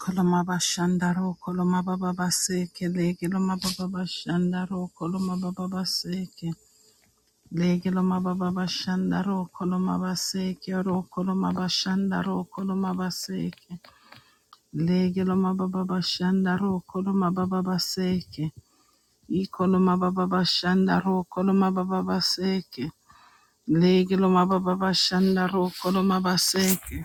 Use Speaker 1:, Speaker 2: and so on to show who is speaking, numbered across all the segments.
Speaker 1: Koloma bashandaro, koloma baba baseke, lege loma baba bashandaro, koloma baba baseke, lege loma baba bashandaro, koloma baseke, ro koloma bashandaro, koloma baseke, lege loma baba bashandaro, koloma baba baseke, i koloma baba bashandaro, koloma baba baseke, lege loma baba bashandaro, koloma baseke.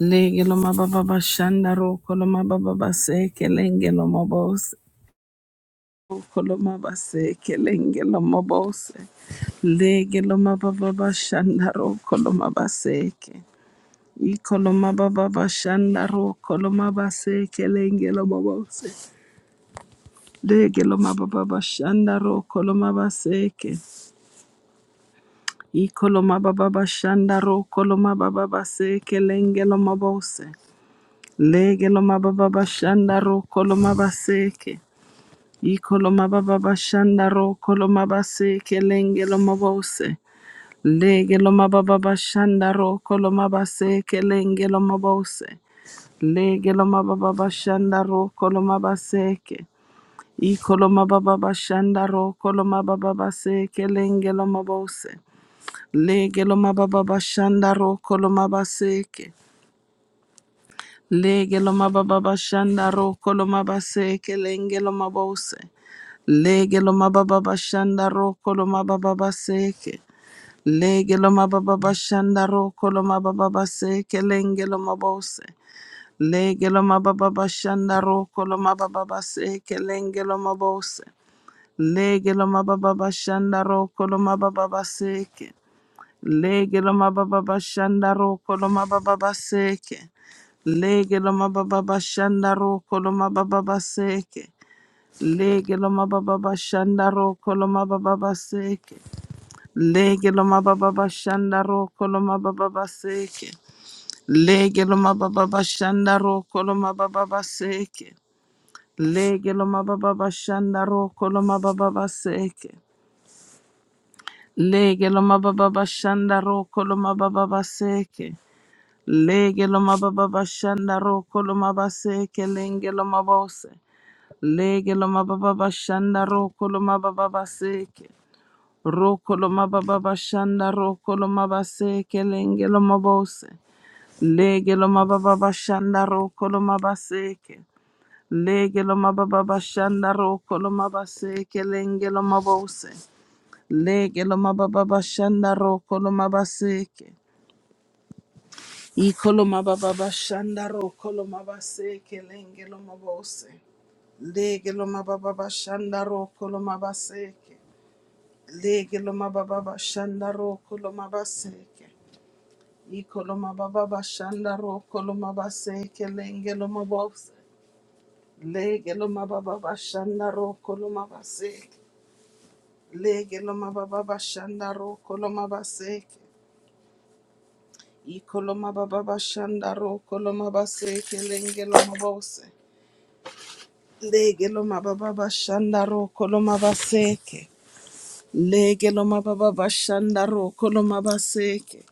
Speaker 1: Lege lo mababa bashanda ro kolo mababa base kelenge lo mabose kolo mabase kelenge lo mabose lege lo mababa bashanda ro kolo mabase ke ikolo mababa bashanda ro koloma mabase kelenge mabose lege mababa bashanda ro kolo mabase ke ikolo mababa bashanda ro kolo mababa base kelenge mabose Lege lo mababa bashanda ro kolo mabaseke. Iko lo mababa bashanda ro kolo mabaseke lenge lo mabose. Lege lo mababa bashanda ro kolo mabaseke lenge lo mabose. Lege lo mababa bashanda ro kolo mabaseke. Iko lo mababa bashanda ro kolo mababa baseke lenge lo mabose. Lege lo mababa bashanda ro kolo mabaseke. Lege lo mababa bashanda roko lo mabase kelenge lo mabose. Lege lo mababa bashanda roko lo mababa baseke. Lege lo mababa bashanda roko lo mababa baseke lenge lo mabose. Lege lo mababa bashanda roko lo mababa baseke lenge lo mabose. Lege lo mababa bashanda roko lo mababa baseke. Lege loma baba bashanda roko loma baba baseke. Lege loma baba bashanda roko loma baba baseke. Lege loma baba bashanda roko loma baba baseke. Lege loma baba bashanda roko loma baba baseke. Lege loma baba bashanda roko loma baba baseke. Lege loma baba bashanda roko loma baba baseke. Lege loma baba bashanda roko loma baba baseke. Lege lo mababa bashanda roko lo mabase kelenge lo mabose. Lege lo mababa bashanda roko lo mababa baseke. Roko lo mababa bashanda roko lo mabase kelenge lo mabose. Lege lo mababa bashanda roko lo mabaseke. Lege lo mababa bashanda roko lo mabase kelenge lo mabose. Lege lo mababa bashanda roko lo mabaseke. Ikoloma baba bashandaro koloma base kelenge loma bose. Lege loma baba bashandaro koloma baseke. Lege loma baba bashandaro koloma baseke. Ikoloma baba bashandaro koloma baseke lenge loma bose. Lege loma baba bashandaro koloma baseke. Lege loma baba bashandaro koloma baseke. Ikoloma baba bashandaro koloma baseke lenge loma bose. Lege lo mababa bashanda ro kolo mabaseke. Lege lo mababa bashanda ro kolo mabaseke.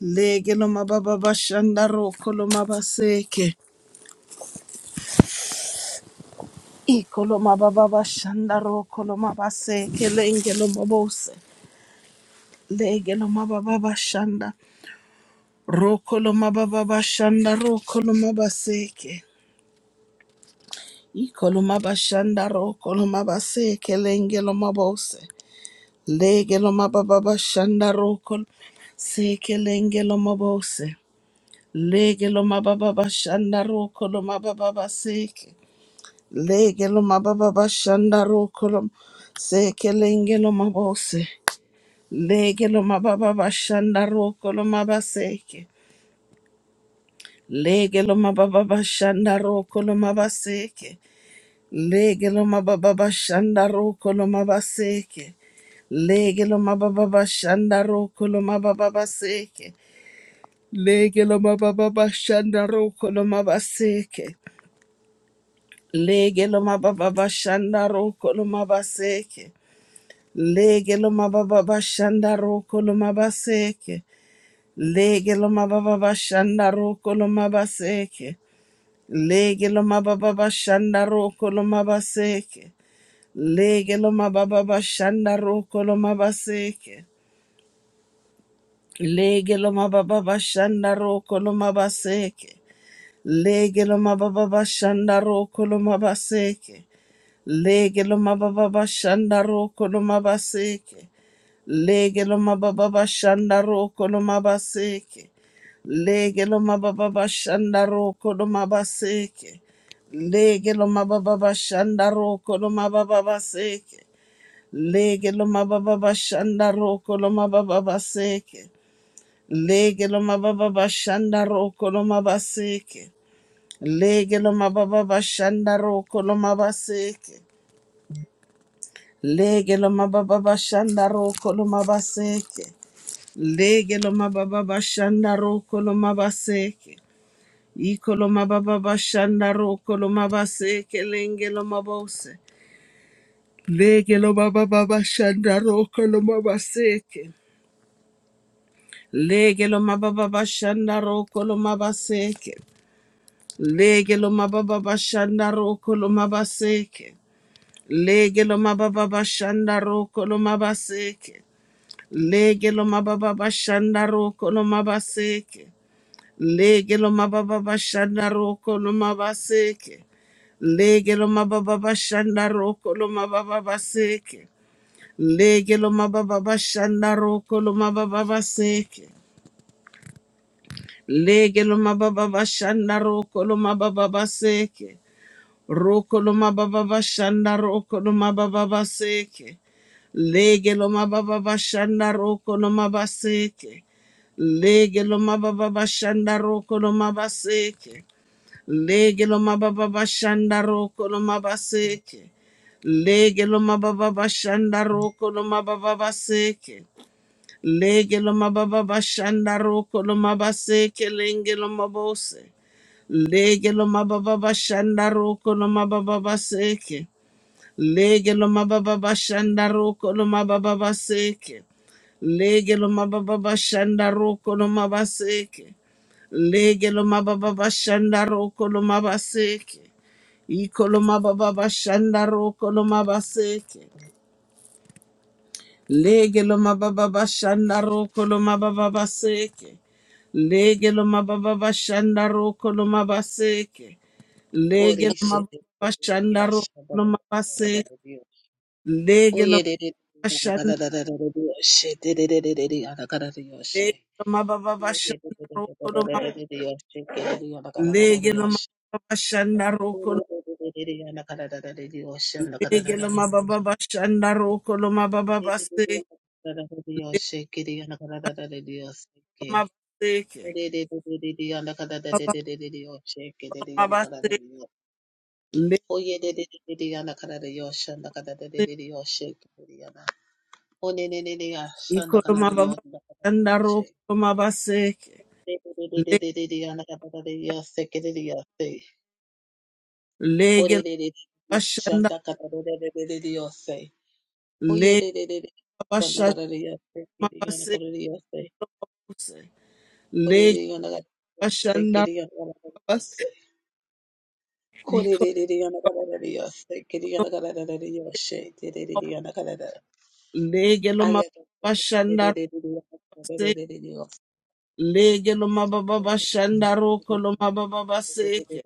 Speaker 1: Lege lo mababa bashanda ro kolo mabaseke. Iko lo mababa bashanda ro kolo mabaseke. Lenge lo mabose. Lege lo mababa bashanda. Ro kolo mababa bashanda ro kolo mabaseke. Iko lo mabashanda ro kolo mabaseke. Lenge lo mabose. Legelo mababa shanda rokol seke lengelo mabose. Legelo mababa shanda rokol lo mababa seke. Legelo mababa shanda roko lo seke lengelo mabose. Legelo mababa shanda roko lo mabaseke. Legelo mababa shanda roko lo mabaseke. Lege lo mababa bashanda roko lo mabaseke. Lege lo mababa bashanda roko lo mababa baseke. Lege lo mababa bashanda roko lo mabaseke. Lege lo mababa bashanda roko lo mabaseke. Lege lo mababa bashanda roko lo mabaseke. Lege lo mababa bashanda roko lo mabaseke. Lege lo mababa bashanda roko lo mabaseke. Lege lo mababa bashanda roko lo mabaseke. Lege lo mababa bashanda roko lo mabaseke. Lege lo mababa bashanda roko lo mabaseke. Lege lo mababa bashanda roko lo mabaseke. Lege lo mababa bashanda roko lo mabaseke. Lege lo mababa bashanda roko lo mabaseke. Lege lo mababa bashanda roko lo mababa baseke. Lege lo mababa bashanda roko lo mababa baseke. Lege lo mababa bashanda roko lo mabaseke. Lege lo mababa bashanda roko lo mabaseke. Lege lo mababa bashanda roko lo mabaseke. Lege lo mababa bashanda roko lo mabaseke. Iko lo mababa bashanda roko lo mabaseke lenge lo mabose. Lege lo mababa bashanda roko lo mabaseke. Lege lo mababa bashanda roko lo mabaseke. Lege lo mababa bashanda roko lo mabaseke. Lege lo mababa bashanda roko lo mabaseke. Lege lo mababa bashanda roko lo mabaseke. Lege lo mababa bashanda roko lo mabaseke. Lege lo mababa bashanda roko lo mababa baseke. Lege lo mababa bashanda roko lo mababa baseke. Lege lo mababa bashanda roko lo mababa baseke. Roko lo mababa bashanda roko lo mababa baseke. Lege lo mababa bashanda roko lo mabaseke. Lege lo mababa bashanda roko lo mabaseke. Lege lo mababa bashanda roko lo mabaseke. Lege lo mababa bashanda roko lo mababa baseke. Lege lo mababa bashanda roko lo mabase kelenge lo mabose. Lege lo mababa bashanda roko lo mababa baseke. Lege lo mababa bashanda roko lo mababa baseke. Lege lo mababa bashanda roko lo mabaseke. Lege lo mababa bashanda roko lo mabaseke. Iko lo mababa bashanda roko lo mabaseke. Lege lo mababa bashanda roko lo mababa baseke. Lege lo mababa bashanda roko lo mabaseke. Lege lo
Speaker 2: Koreshe
Speaker 1: mababa bashanda roko
Speaker 2: yashaba
Speaker 1: lo mabase. Lege lo
Speaker 2: oyerere
Speaker 1: bashanda
Speaker 2: yoshe dererere anakarare yoshe
Speaker 1: lege lo mababa bashanda roko lo ma-
Speaker 2: yederere yoshe kerere anakarare
Speaker 1: lege lo
Speaker 2: yoshe
Speaker 1: mababa bashanda roko lo
Speaker 2: orerere anakarare yoshe anakarare
Speaker 1: lege lo
Speaker 2: yoshe
Speaker 1: mababa bashanda roko lo mababa
Speaker 2: dererere
Speaker 1: base.
Speaker 2: anakarare
Speaker 1: Lege
Speaker 2: yoshe kerere anakarare yoshe
Speaker 1: lo
Speaker 2: ke
Speaker 1: mabaseke.
Speaker 2: orerere anakarare
Speaker 1: Baba
Speaker 2: yoshe
Speaker 1: lo
Speaker 2: kerere
Speaker 1: mabase.
Speaker 2: anakarare
Speaker 1: Lege
Speaker 2: Oye de de de de yana kada de yosha na kada de de de de yoshe de de yana. One ne ne ne yasha na
Speaker 1: iko lo
Speaker 2: kada de
Speaker 1: mababa
Speaker 2: yosha na kada de
Speaker 1: bashanda
Speaker 2: yoshe.
Speaker 1: roko lo mabaseke.
Speaker 2: De de de de de
Speaker 1: Le-
Speaker 2: de de yana kada de yoshe ke de de yoshe.
Speaker 1: Lege
Speaker 2: Kore
Speaker 1: lo
Speaker 2: de de
Speaker 1: bashanda
Speaker 2: shanta kada de de de de de de yoshe. Oye de de de de shanta
Speaker 1: lege
Speaker 2: kada de yoshe ke de yana
Speaker 1: Mabase
Speaker 2: kada de yoshe.
Speaker 1: Lobose,
Speaker 2: Kore
Speaker 1: Leg
Speaker 2: de yana kada de yoshe ke
Speaker 1: Bashandarabas,
Speaker 2: de yana kada de yoshe. Kore de de de yana kada de yoshe ke de yana kada de yoshe. De de de yana kada de Ayada
Speaker 1: Legeloma Bashandarabase, Legeloma Bashandaroko Loma Babaseke,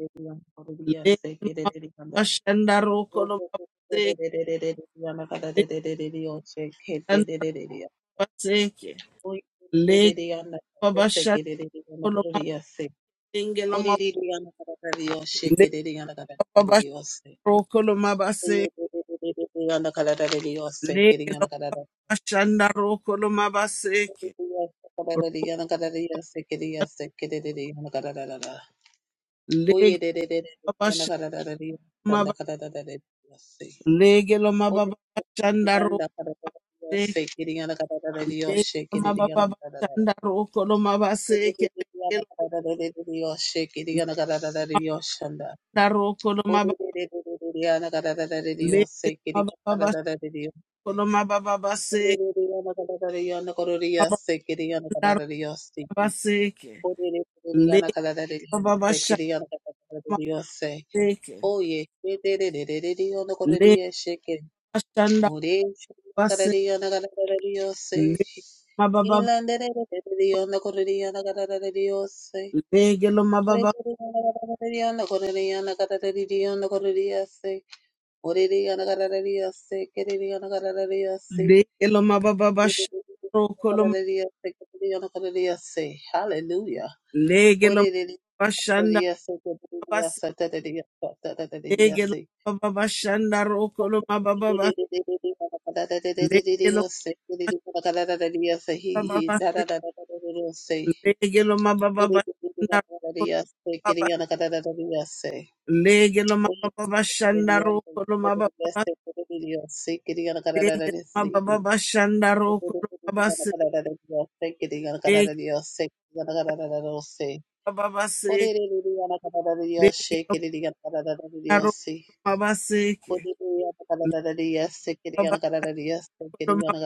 Speaker 1: Legeloma Bashandaroko Loma Baseke, Leg Babashandaroko Loma Baseke, Leg Babashandaroko Loma Baseke, Leg Babashandaroko Loma
Speaker 2: Oye,
Speaker 1: Baseke, Leg maba lege lo mababa shanda roko se lege lo mababa shanda roko lo maba se ke lege lo da roko lo maba lege lo mababa shoko lo mababa se maba da roko se ke
Speaker 2: Orere kururiyana
Speaker 1: lege lo
Speaker 2: kadarariya
Speaker 1: mababa shanda
Speaker 2: sekeriyana kadarariya se
Speaker 1: se ke
Speaker 2: oye edererereriyo
Speaker 1: lege
Speaker 2: nokoreriye sheke
Speaker 1: lo shanda
Speaker 2: ore
Speaker 1: maba se
Speaker 2: kadarariyana kadarariyo se
Speaker 1: lege mababa
Speaker 2: ilandererereriyo nokoreriyana kadarariyo se
Speaker 1: lege lo mababa
Speaker 2: korereriyana kadarariyo nokoreriyana kadarariyo nokoreriya se oreriyana kadarariya se kereriyana kadarariya se
Speaker 1: lege lo mababa shanda
Speaker 2: edererereriyo
Speaker 1: roko lo ma-
Speaker 2: nokoreriya se kereriyana kadarariya se hallelujah Dios,
Speaker 1: lege lo mababa shanda Lege lo baba bashanda roko lo mababa baba. Lege lo mababa baba. Lege lo mababa bashanda roko lo baba. Lege lo mababa bashanda roko lo mababa baba. Lege lo mababa bashanda roko lo baba se. Lege lo baba se. Lege lo maro baba se. Baba lo ma-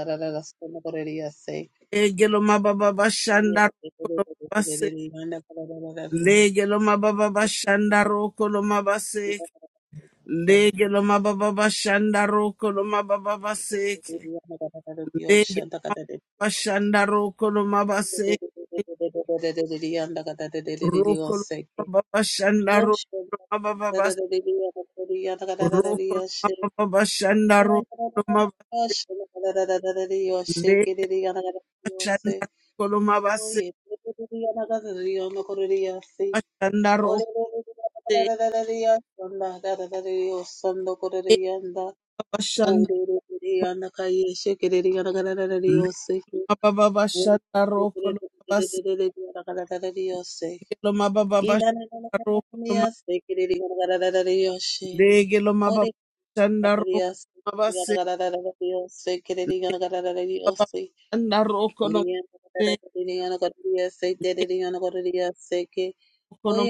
Speaker 1: Lege lo mababa bashanda roko lo baba se. Lege lo mababa bashanda roko
Speaker 2: Ocean
Speaker 1: lo mababa se. Lege lo mababa shanda roko lo mababa seke. Lege lo mababa shanda roko lo mababa seke. Roko lo mababa shanda roko lo mababa se- Roko lo mababa shanda
Speaker 2: Oh,
Speaker 1: roko lo mababa se- Lege lo shanda roko lo mababa se- Shanda roko se- Lege lo shanda le mababa shanda roko lo mababa seke lo mababa shanda roko lo Lege lo maba
Speaker 2: yeah.
Speaker 1: shanda roko
Speaker 2: Dios,
Speaker 1: mabase se. Le baba shanda roko lo mabe. Le roko lo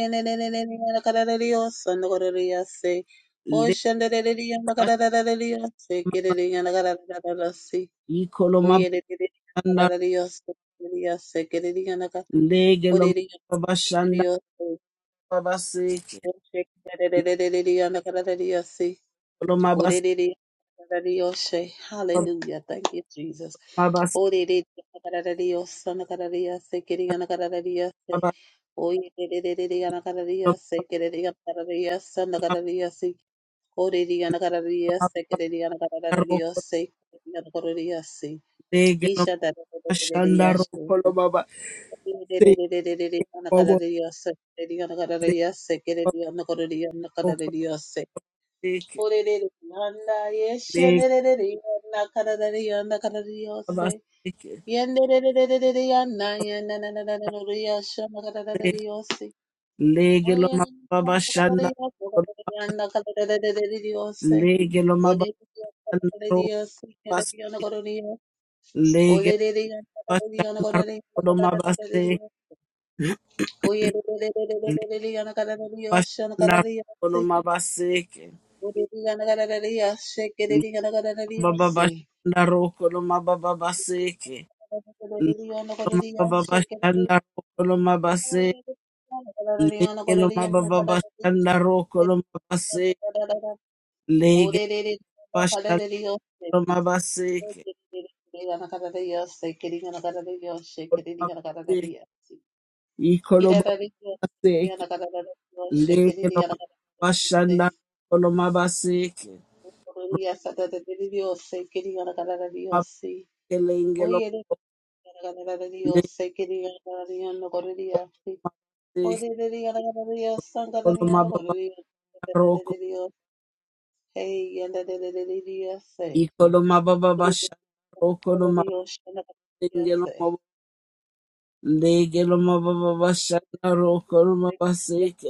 Speaker 1: le baba shamba. Iko lo maba shanda. Lege lo maba shanda baba se. Lo maba se
Speaker 2: Hallelujah. Thank you, Jesus.
Speaker 1: maba
Speaker 2: Oye,
Speaker 1: lo maba maba roko. Lege lo maba shanda roko lo maba se. Bobo le baba roko lo
Speaker 2: Orerere yanda
Speaker 1: Lege
Speaker 2: yeshenerere yanda kararare yanda kararare
Speaker 1: baba
Speaker 2: yose.
Speaker 1: se.
Speaker 2: Yendererererere yanda yanda nananananoro yashama kararare yose.
Speaker 1: Lege lo
Speaker 2: Oyerere
Speaker 1: maba
Speaker 2: yanda kararare
Speaker 1: shanda.
Speaker 2: yose kararare yanda kararare yose.
Speaker 1: lege lo mabana
Speaker 2: Orerere yanda kararare
Speaker 1: ro
Speaker 2: yose
Speaker 1: bas
Speaker 2: kararare yanda kararare yose.
Speaker 1: lege
Speaker 2: Orerere yanda kararare yanda
Speaker 1: bashana ro
Speaker 2: kararare yanda
Speaker 1: lo mabase
Speaker 2: kararare yose.
Speaker 1: le
Speaker 2: Oyerererererere yanda kararare yose
Speaker 1: bashana
Speaker 2: kararare
Speaker 1: ro lo
Speaker 2: yose.
Speaker 1: mabaseke
Speaker 2: Orerere yanda kararare yose
Speaker 1: le
Speaker 2: kararare yanda kararare
Speaker 1: mababa
Speaker 2: yose.
Speaker 1: bashana ro lo mababa baseke
Speaker 2: Oye,
Speaker 1: le lo
Speaker 2: Dios,
Speaker 1: mababa
Speaker 2: sé que
Speaker 1: bashana ro lo mabase
Speaker 2: diga, diga, no
Speaker 1: lege lo
Speaker 2: correría.
Speaker 1: mababa bashana ro lo mabase lege bashana lo mabaseke lo mabase ikolo mabase leke lo bashanda lo mabaseke mabakelenge lo leko
Speaker 2: Hallelujah.
Speaker 1: mabaseke lo mababaroko iko lo mababashanda roko lo mabakelenge lo mabo lege lo mababashanda roko lo mabaseke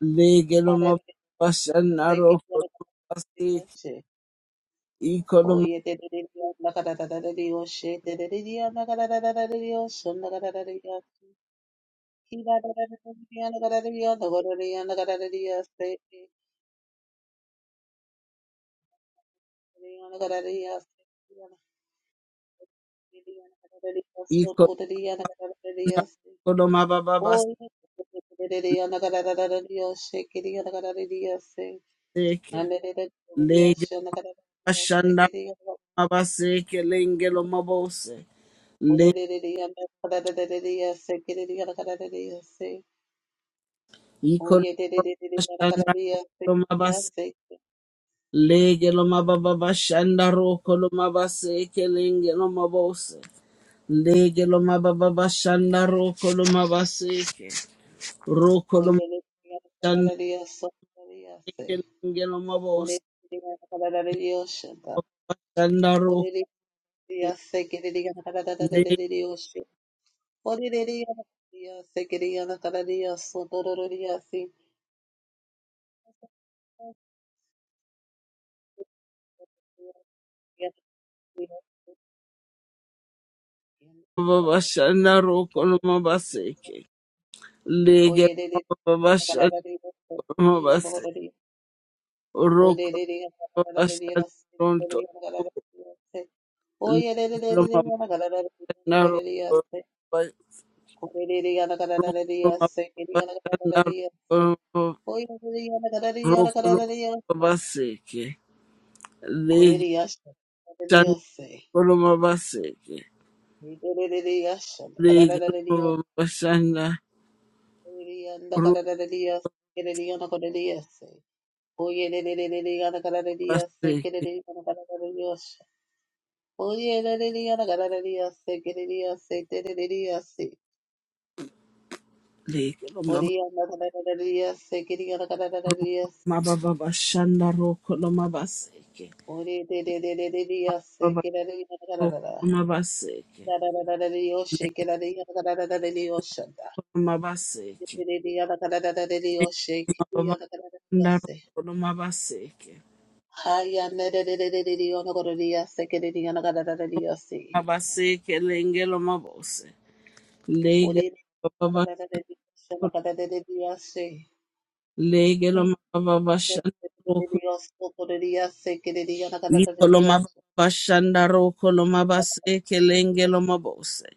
Speaker 1: lege lo mababashanda roko lo mabaseke iko lo ma-
Speaker 2: Oh yeah,
Speaker 1: iko lo na- ko lo mabababaseke lege mabaseke lenge lo mabose le iko bashanda lo mabase lege lo mababa bashanda roko lo mabaseke lenge lo mabose lege lo mababa bashanda roko lo mabaseke roko lo mabashanda lege lenge lo mabose bashanda roko lege lo
Speaker 2: Oye,
Speaker 1: mababa bashanda roko lo mabaseke lege lo mababa bashanda lo mabase Toronto Roma Naro Roma
Speaker 2: Oye,
Speaker 1: Naro Roma Baseke Legi Shana Roma Baseke Legi Roma Bashana Roma Baseke Legi Roma Mababa Bashana
Speaker 2: Ore de de de de de de yase kere de yada da da da. Da da da da da de yoshe kere de yada da da da de de yosha da. De de de de yada da da da da de de yoshe kere de yada da da da de yase. Haya ne de de de de de de yona kore de yase kere de yana da da da da de yase.
Speaker 1: Abaseke lengelo mabose.
Speaker 2: Ore
Speaker 1: Lege
Speaker 2: de da da da
Speaker 1: bababasho.
Speaker 2: da de de yoshe na da da da de de yase.
Speaker 1: Lege lo
Speaker 2: Hmm. Se de de de
Speaker 1: mababashandroko.
Speaker 2: de yose kore de yase kere de yana da da da
Speaker 1: Iko
Speaker 2: de de
Speaker 1: lo
Speaker 2: yoshe.
Speaker 1: mababashandroko lo
Speaker 2: Na da da da de
Speaker 1: mabaseke
Speaker 2: yoshe
Speaker 1: lengelo mabose.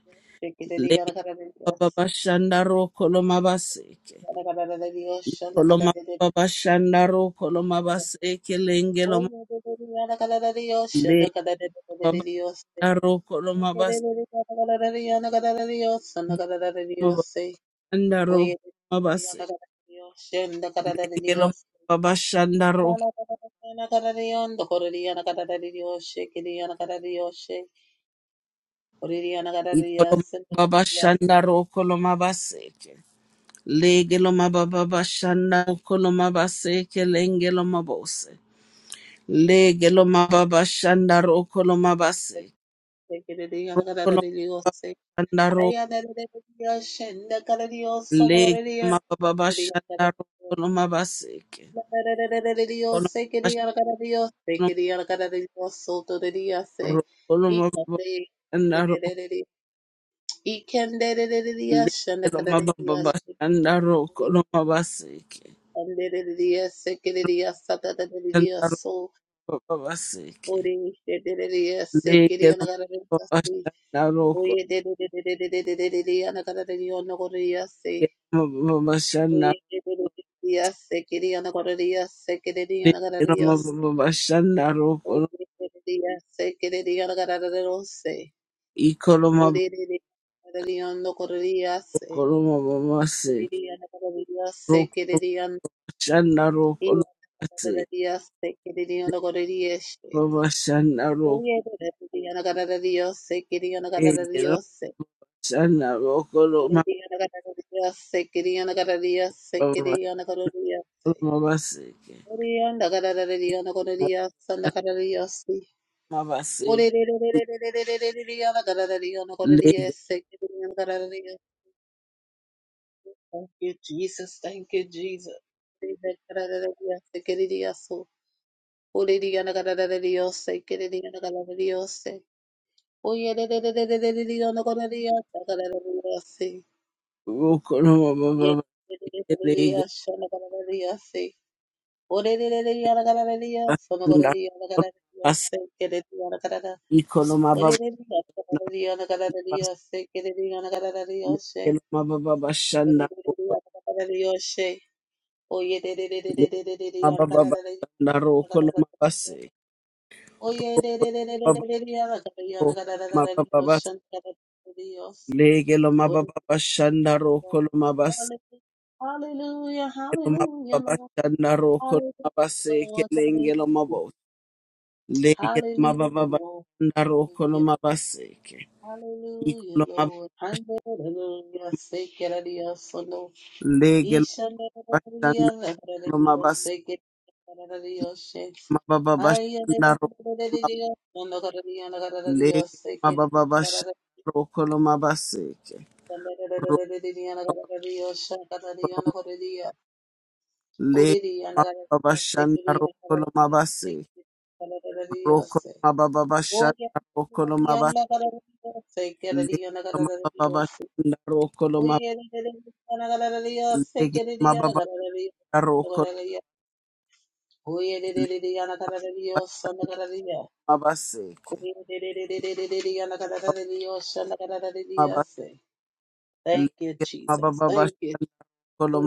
Speaker 2: kere de yana
Speaker 1: Lege
Speaker 2: da da da de yase.
Speaker 1: bababashandroko lo mabaseke.
Speaker 2: Yana da da da de yoshe
Speaker 1: Iko
Speaker 2: na
Speaker 1: lo
Speaker 2: da da da de
Speaker 1: mababashandroko lo mabaseke
Speaker 2: Dios,
Speaker 1: lengelo mabose. Lege bababashandroko lo mabaseke. Mabashandroko mabase. Lege lo mababa Ikolomababa shanda ro kolomaba seke. Lege lomababa shanda ro kolomaba seke lenge lomabose. Lege lomababa shanda ro kolomaba seke. Ro kolomaba shanda ro. Lege lomababa shanda ro kolomaba seke.
Speaker 2: Oye,
Speaker 1: Kolomaba shanda ro kolomaba shanda ro. Lege lomababa shanda ro kolomaba seke. Shanda ro kolomaba seke. Legelo mabashana roko mabashana legelo mabashana roko
Speaker 2: Orereriase, kereriaragarararose.
Speaker 1: ikolo
Speaker 2: Orereriarariandokoreriase.
Speaker 1: mabokolo mabase
Speaker 2: Orereriaragararariase,
Speaker 1: roko
Speaker 2: kererian-
Speaker 1: mabashana roko mabase
Speaker 2: iraragararariase, kereriandokorerieshe.
Speaker 1: mabashana roko
Speaker 2: Orereriaragararariose,
Speaker 1: legelo
Speaker 2: kereriandokoreriose.
Speaker 1: mabashana roko
Speaker 2: Orereriaragararariase, kereriandokoreriase,
Speaker 1: mabokolo
Speaker 2: kereriandokoreriase.
Speaker 1: mabase
Speaker 2: Orereriaragararariandokoreriase,
Speaker 1: mabase
Speaker 2: Thank
Speaker 1: legelo
Speaker 2: you, Jesus. Thank you, Jesus.
Speaker 1: roko mabase legelo mabashana roko mabase ikolo mabashana
Speaker 2: Yes.
Speaker 1: Lekelomabababashanda
Speaker 2: Oye, de de de de de
Speaker 1: roko,
Speaker 2: de de de de, ana kana kana
Speaker 1: lekelomabababashanda roko
Speaker 2: kana kana kana.
Speaker 1: lomabase,
Speaker 2: Oye, de
Speaker 1: roko
Speaker 2: de de de de de
Speaker 1: lomababa-
Speaker 2: de de, ana kana
Speaker 1: roko
Speaker 2: ana kana kana kana Dios,
Speaker 1: lomabababase,
Speaker 2: ana kana kana Dios. Glory
Speaker 1: lekelomabababashanda
Speaker 2: to
Speaker 1: roko
Speaker 2: God.
Speaker 1: lomabase,
Speaker 2: Hallelujah, hallelujah, Lord.
Speaker 1: lekelomabababashanda roko
Speaker 2: Hallelujah,
Speaker 1: lomabase,
Speaker 2: Lord.
Speaker 1: kelengelomabo,
Speaker 2: Hallelujah, hallelujah, Lord. Hallelujah,
Speaker 1: lekelomabababashanda roko
Speaker 2: hallelujah,
Speaker 1: lomabase, ke, ikolomaba-
Speaker 2: Lord. Hallelujah, say, que Dios, no.
Speaker 1: lekelomabashanda lomabase,
Speaker 2: Ishandaradios, Ay, ale,
Speaker 1: mabababashanda
Speaker 2: ale, ale, ale,
Speaker 1: roko
Speaker 2: diría, cuando correría, la cara de Dios,
Speaker 1: Lege
Speaker 2: se quiere, la
Speaker 1: mababa
Speaker 2: cara
Speaker 1: sha
Speaker 2: de
Speaker 1: rokolo mabaseke.
Speaker 2: Cuando correría, diría, la cara
Speaker 1: Rokolo
Speaker 2: de Dios, se correría, la correría,
Speaker 1: lege
Speaker 2: correría, la cara de
Speaker 1: mababa
Speaker 2: Dios,
Speaker 1: sha
Speaker 2: se quería, la cara
Speaker 1: rokolo
Speaker 2: de Dios, se
Speaker 1: mabase.
Speaker 2: quería, la cara de Dios,
Speaker 1: Rokolo
Speaker 2: se
Speaker 1: mababa sha
Speaker 2: Oye,
Speaker 1: rokolo
Speaker 2: correría, la
Speaker 1: mabase.
Speaker 2: cara de Dios, se
Speaker 1: Lege
Speaker 2: quería, la cara de
Speaker 1: mababa
Speaker 2: Dios, se
Speaker 1: sha rokolo
Speaker 2: Oye,
Speaker 1: mabase.
Speaker 2: ale, ale, ale, la cara de Dios, se
Speaker 1: Lege
Speaker 2: quería, la
Speaker 1: mababa
Speaker 2: cara de Dios,
Speaker 1: sha
Speaker 2: cuando
Speaker 1: rokolo
Speaker 2: correría, Oye, ale, ale, ale, la cara de Dios, la cara de Dios. Thank
Speaker 1: mabaseke. Mababa
Speaker 2: you,
Speaker 1: lege
Speaker 2: Jesus.
Speaker 1: mababa
Speaker 2: Thank you.
Speaker 1: sha rokolo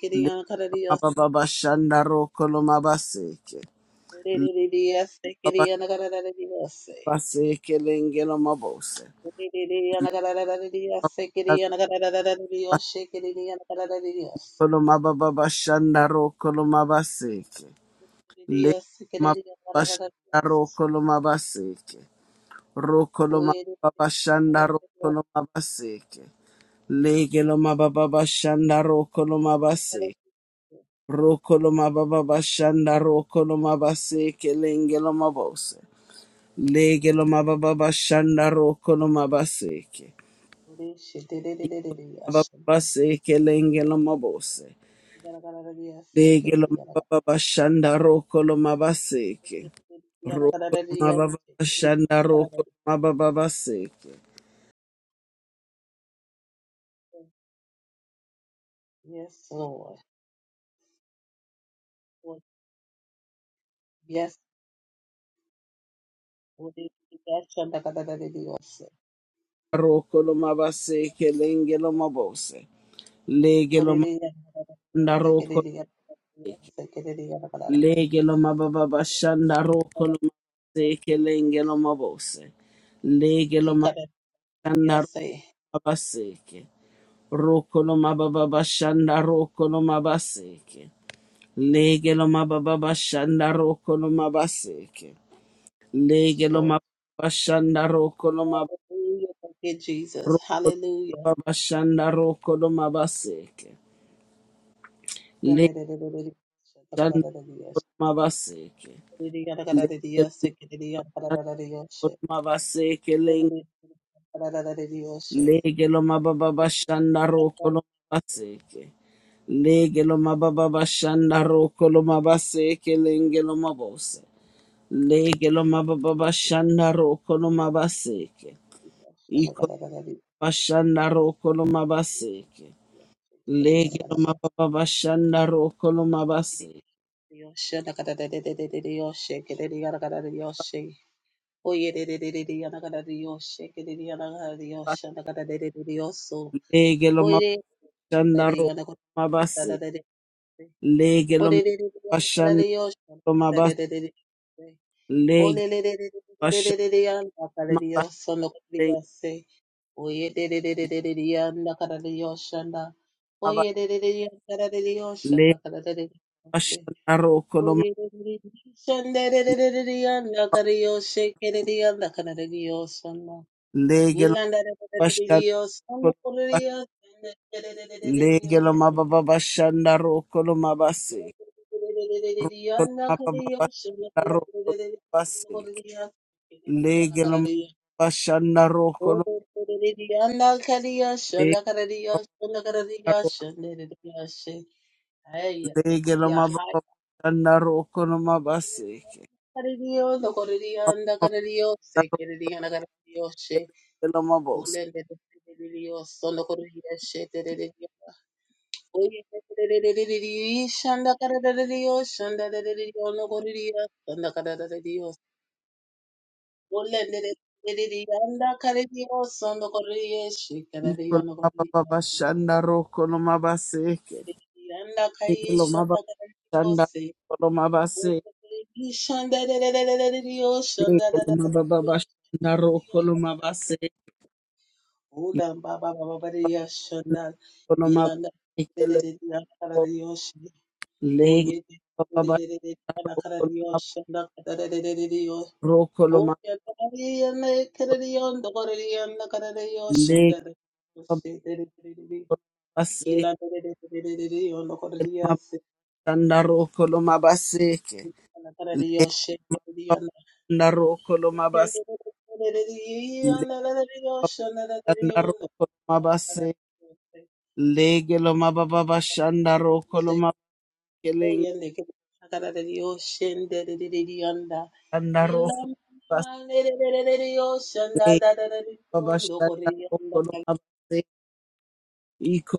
Speaker 1: mabase. Mababa sha rokolo mabaseke.
Speaker 2: Thank
Speaker 1: Lege Mababa baseke lenge lo mabose. Kolomababashandaro kolomabaseke. Le mababashandaro kolomabaseke. Rokolomababashandaro kolomabaseke. Legelo mababashandaro kolomabaseke. Rokolomababashandaro kolomabaseke lengelo mabose. Legelo mababashandaro kolomabaseke. Mababaseke lengelo
Speaker 2: you.
Speaker 1: mabose.
Speaker 2: Yes,
Speaker 1: Lege lo mababa shanda roko lo mabaseke. Roko lo mababa shanda roko lo mababa seke.
Speaker 2: Lord. Yes, Yes,
Speaker 1: Roko lo mabaseke lenge lo mabose. Lege lo mabanda roko leke. Lege lo mababa shanda roko lo mabaseke lenge lo mabose. Lege lo mabanda roko
Speaker 2: yes,
Speaker 1: mabaseke. Roko lo mababa shanda roko lo mabaseke. Lege lo mababa shanda roko lo mabaseke. Lege lo ma
Speaker 2: Lord.
Speaker 1: bashanda roko lo ma
Speaker 2: Hallelujah. Thank you, Jesus.
Speaker 1: roko lo
Speaker 2: Hallelujah.
Speaker 1: ma bashanda roko lo ma baseke. Lege shanda lo ma baseke.
Speaker 2: Oye,
Speaker 1: Lege lo ma shanda lo baseke lenge. Lege baba bashanda roko baseke. Lege baba bashanda roko baseke lenge bose. Lege baba bashanda roko baseke. Iko bashanda roko lo baseke. Lege lo mababa shanda roko lo mabase. Lege lo mababa shanda roko lo mabase. Lege lo mababa shanda lo mabase. Lege
Speaker 2: Ole
Speaker 1: lo
Speaker 2: le le le le le
Speaker 1: bashanda
Speaker 2: le le Yanda kara Dios
Speaker 1: mabase.
Speaker 2: sono kuya se. Oye le le le le le le yanda kara Dios shanda.
Speaker 1: maba-
Speaker 2: Oye le le le yanda kara Dios shanda
Speaker 1: Lege
Speaker 2: kara Dios se.
Speaker 1: bashanda roko lo
Speaker 2: Oye le le le shanda le le le le le yanda kara Dios se kere le yanda kara Dios shanda. Yilanda le le le le
Speaker 1: bashanda roko lo
Speaker 2: Dios sono kuya
Speaker 1: mabase.
Speaker 2: Dios shanda kere le le le le le
Speaker 1: Lege lo
Speaker 2: yanda.
Speaker 1: mababa bashanda roko lo
Speaker 2: Le
Speaker 1: mabase.
Speaker 2: le le le le
Speaker 1: Roko
Speaker 2: le yanda kara Dios shanda
Speaker 1: bashanda
Speaker 2: kara
Speaker 1: roko
Speaker 2: le le le le le yanda kara Dios. Olendele Yanda Karadios on
Speaker 1: Legelo mababa shanda roko no mabase. Mababa na roko legelo mabos.
Speaker 2: Korea
Speaker 1: Iko no mababa
Speaker 2: Shikaradion
Speaker 1: shanda roko no mabase.
Speaker 2: Yanda
Speaker 1: Legelo
Speaker 2: kaisha da
Speaker 1: mababa
Speaker 2: da da
Speaker 1: shanda
Speaker 2: yose.
Speaker 1: roko no mabase.
Speaker 2: Ishanda da da da da da da yoshanda da
Speaker 1: Legelo
Speaker 2: da da
Speaker 1: mababa shanda roko no
Speaker 2: da.
Speaker 1: mabase.
Speaker 2: Ula ba ba ba ba ba da yashanda.
Speaker 1: Roko no mabase.
Speaker 2: Ilanda da da
Speaker 1: Legelo
Speaker 2: da da kara da yoshi.
Speaker 1: legelo
Speaker 2: Oye da da
Speaker 1: mababa
Speaker 2: da da da
Speaker 1: shanda
Speaker 2: kana
Speaker 1: roko
Speaker 2: kara da
Speaker 1: no mabase.
Speaker 2: yoshanda da da da da da da yosh.
Speaker 1: Roko no mabase.
Speaker 2: Oye da da da yanda kara da yonda kara da yanda kara da
Speaker 1: Legelo
Speaker 2: yoshanda da. Yoshe da da da da da. Ilanda da da da da da da yonda kara da
Speaker 1: mababa
Speaker 2: yase.
Speaker 1: shanda roko no mabase.
Speaker 2: Oh, yeah, she came to the ocean.
Speaker 1: Narokolo
Speaker 2: Oh, yeah, she came to
Speaker 1: mabase,
Speaker 2: the ocean. Oh, yeah, she came to the
Speaker 1: narokolo
Speaker 2: ocean.
Speaker 1: mabase, legelo mababa shanda rokolo
Speaker 2: Oh,
Speaker 1: mabakeleng,
Speaker 2: yeah, she came to the ocean. Oh, yeah, she came to the ocean. Oh, yeah, she came to the
Speaker 1: narokolo
Speaker 2: ocean.
Speaker 1: mabase, baba shanda rokolo mabase, iko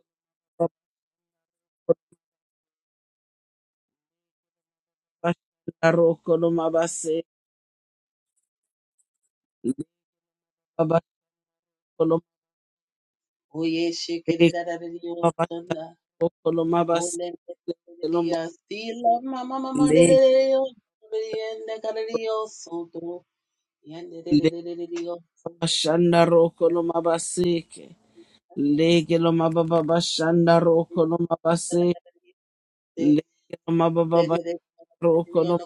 Speaker 1: bashanda rokolo mabase, baba kolo
Speaker 2: Oh, yeah, she came to the ocean. Oh, yeah, she came to the ocean. Oh,
Speaker 1: baba
Speaker 2: yeah,
Speaker 1: rokolo mabase, legelo
Speaker 2: she came to the ocean. Oh, hallelujah,
Speaker 1: legelo bashanda rokolo mabase, legelo mababa shanda rokolo mabase, Legelo Rokoloma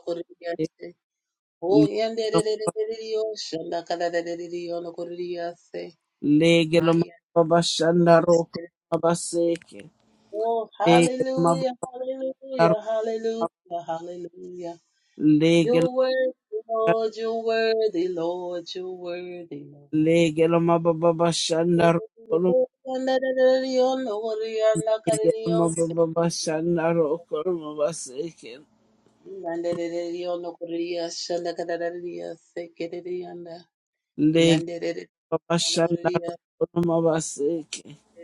Speaker 2: hallelujah, hallelujah, hallelujah. You're worthy, Lord, you're worthy, Lord, you're worthy, Lord. Yanderere ono kuriya shanda karariya sekerere yanda. Yanderere ono kuriya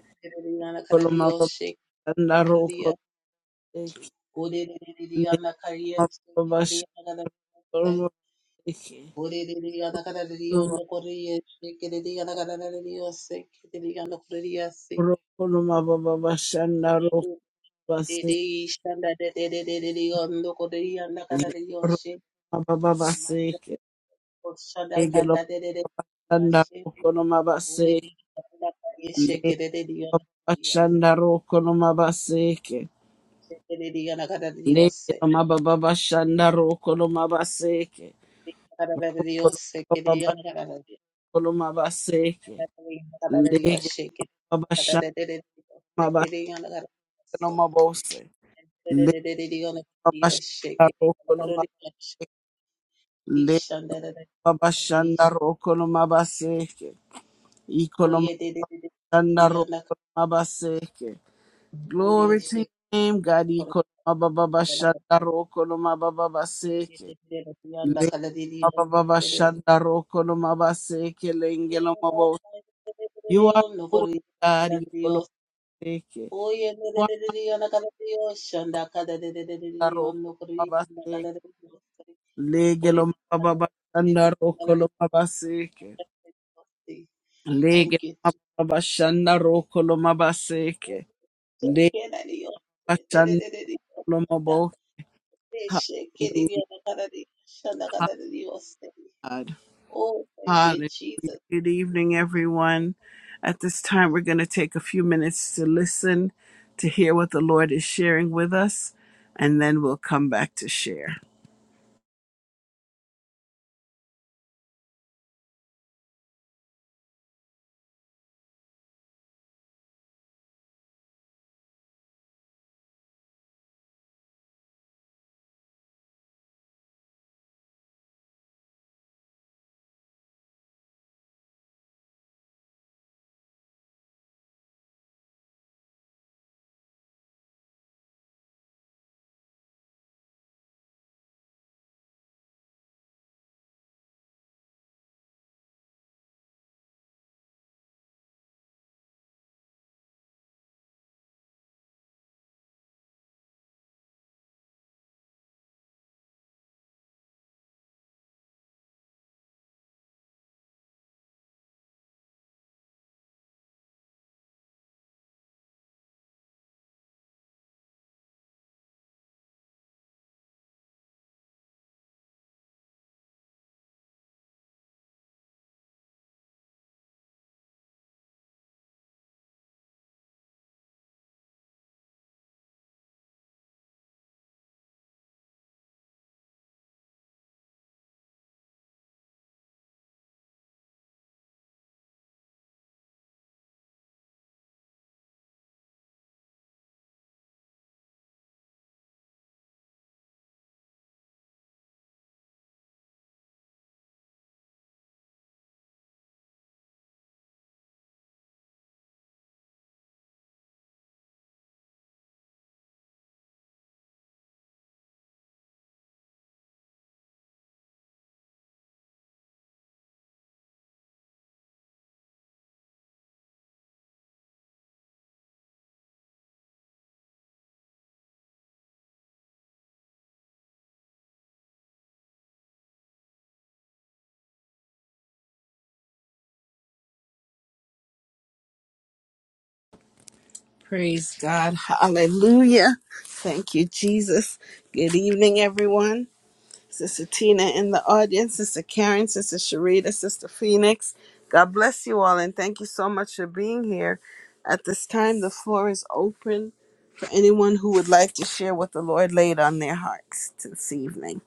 Speaker 2: sekerere yanda karariya shek kuriya. Kurerere yanda kariya sekerere yanda karariya. Kurerere yanda karariya ono kuriya sekerere yanda karariya sekerere yanda kuriya sek.
Speaker 1: baba bashanda
Speaker 2: Kurerere shanda dererere ono kuriya yanda karariya shek.
Speaker 1: Roma baba
Speaker 2: Manere
Speaker 1: seke
Speaker 2: shanda
Speaker 1: lege lo baba
Speaker 2: karariya
Speaker 1: shanda
Speaker 2: shek.
Speaker 1: roko no maba seke
Speaker 2: Yes.
Speaker 1: lege baba shanda roko no maba seke lege lo maba baba shanda roko no maba seke roko no baba roko no maba seke lege baba shanda maba no maba ose lege baba no no no Glory to him. Gadi koloma baba bashanda ro koloma baba baseke. Lenge baba baba shanda ro koloma baseke lenge loma bo. You are good, Gadi koloma seke. Wanda ro koloma baseke. Lege loma baba bashanda ro koloma baseke. Lege
Speaker 2: Thank you.
Speaker 1: loma
Speaker 2: Jesus.
Speaker 1: baba
Speaker 2: Thank
Speaker 1: bashanda
Speaker 2: you.
Speaker 1: ro koloma baseke.
Speaker 2: So
Speaker 1: Lege
Speaker 2: can I do? Da- da-
Speaker 1: bashanda
Speaker 2: da- da- da-
Speaker 1: koloma
Speaker 2: da.
Speaker 1: bo.
Speaker 2: They shake it in
Speaker 1: Hallelujah.
Speaker 2: your nakada di- shanda kada di- di- Oh, thank
Speaker 1: God.
Speaker 2: you, Jesus.
Speaker 1: Good evening, everyone. At this time, we're going to take a few minutes to listen, to hear what the Lord is sharing with us, and then we'll come back to share. Praise God. Hallelujah. Thank you, Jesus. Good evening, everyone. Sister Tina in the audience, Sister Karen, Sister Sharita, Sister Phoenix. God bless you all and thank you so much for being here. At this time, the floor is open for anyone who would like to share what the Lord laid on their hearts this evening.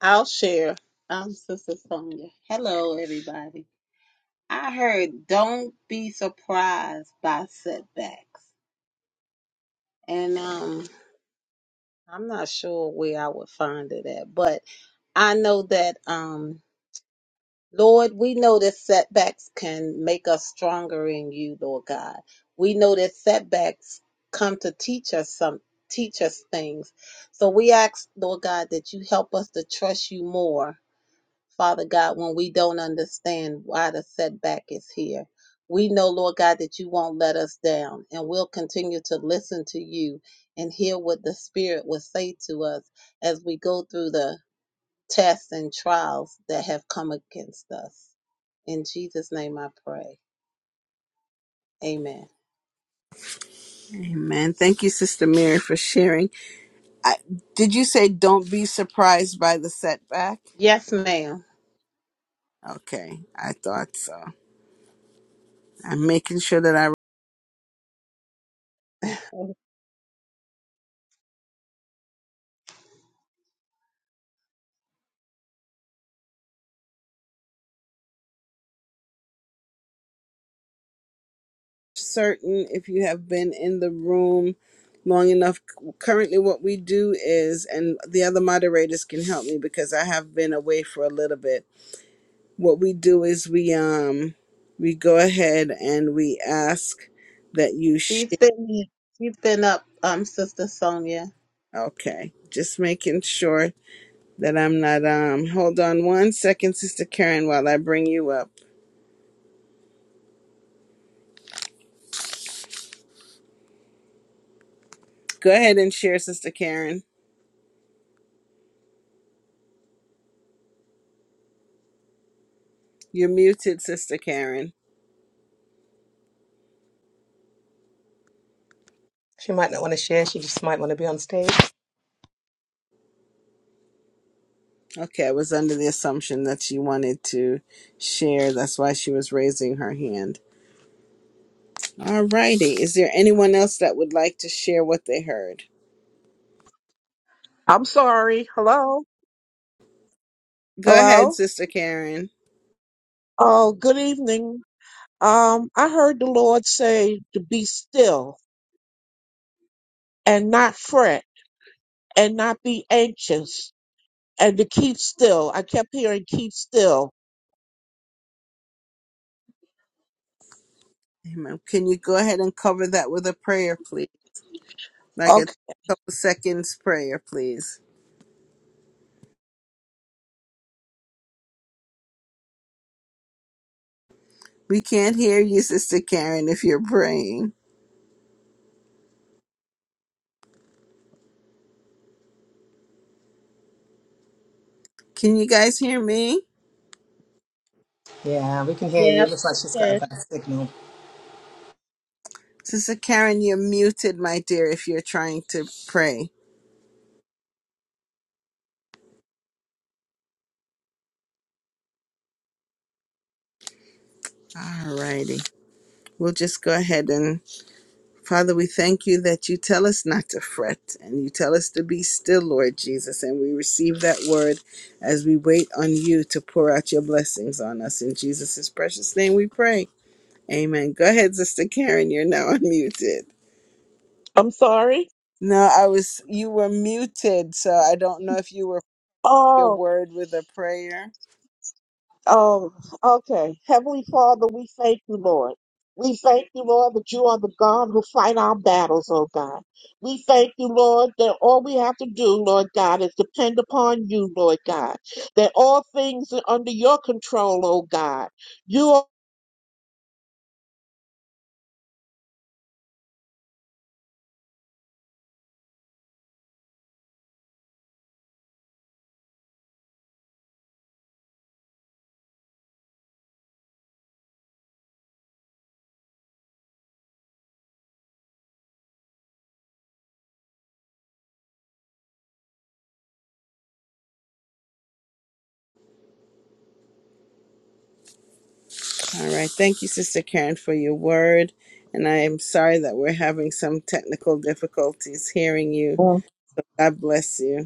Speaker 2: I'll share. I'm Sister Sonia. Hello, everybody. I heard don't be surprised by setbacks. And um I'm not sure where I would find it at, but I know that um Lord, we know that setbacks can make us stronger in you, Lord God. We know that setbacks come to teach us some teach us things. So we ask, Lord God, that you help us to trust you more Father God, when we don't understand why the setback is here. We know, Lord God, that you won't let us down, and we'll continue to listen to you and hear what the Spirit will say to us as we go through the tests and trials that have come against us. In Jesus' name I pray. Amen.
Speaker 1: Amen. Thank you, Sister Mary, for sharing. I, did you say don't be surprised by the setback?
Speaker 2: Yes, ma'am.
Speaker 1: Okay, I thought so. I'm making sure that I certain if you have been in the room long enough. Currently, what we do is, and the other moderators can help me because I have been away for a little bit. What we do is we um we go ahead and we ask that you
Speaker 2: She's
Speaker 1: share.
Speaker 2: been she's been up, um, Sister Sonia.
Speaker 1: Okay, just making sure that I'm not um. Hold on one second, Sister Karen, while I bring you up. Go ahead and share, Sister Karen. You're muted, Sister Karen.
Speaker 3: She might not want to share. She just might want to be on stage.
Speaker 1: Okay, I was under the assumption that she wanted to share. That's why she was raising her hand. All righty. Is there anyone else that would like to share what they heard?
Speaker 4: I'm sorry. Hello?
Speaker 1: Go ahead,
Speaker 4: Hello?
Speaker 1: Sister Karen.
Speaker 4: Oh, good evening. Um, I heard the Lord say to be still and not fret and not be anxious and to keep still. I kept hearing keep still.
Speaker 1: Amen. Can you go ahead and cover that with a prayer, please? Like a
Speaker 4: Okay.
Speaker 1: couple seconds prayer, please. We can't hear you, Sister Karen, if you're praying. Can you guys hear me?
Speaker 3: Yeah, we can hear you.
Speaker 2: Yes,
Speaker 3: Looks like she's got a
Speaker 2: yes.
Speaker 3: bad signal.
Speaker 1: Sister Karen, you're muted, my dear, if you're trying to pray. All righty. We'll just go ahead and Father, we thank you that you tell us not to fret and you tell us to be still, Lord Jesus. And we receive that word as we wait on you to pour out your blessings on us. In Jesus' precious name we pray. Amen. Go ahead, Sister Karen. You're now unmuted.
Speaker 4: I'm sorry.
Speaker 1: No, I was, you were muted. So I don't know if you were your
Speaker 4: Oh.
Speaker 1: word with a prayer.
Speaker 4: Oh, okay. Heavenly Father, we thank you, Lord. We thank you, Lord, that you are the God who fight our battles, oh God. We thank you, Lord, that all we have to do, Lord God, is depend upon you, Lord God. That all things are under your control, oh God. You
Speaker 1: All right. Thank you, Sister Karen, for your word. And I am sorry that we're having some technical difficulties hearing you.
Speaker 4: are.
Speaker 1: God bless you.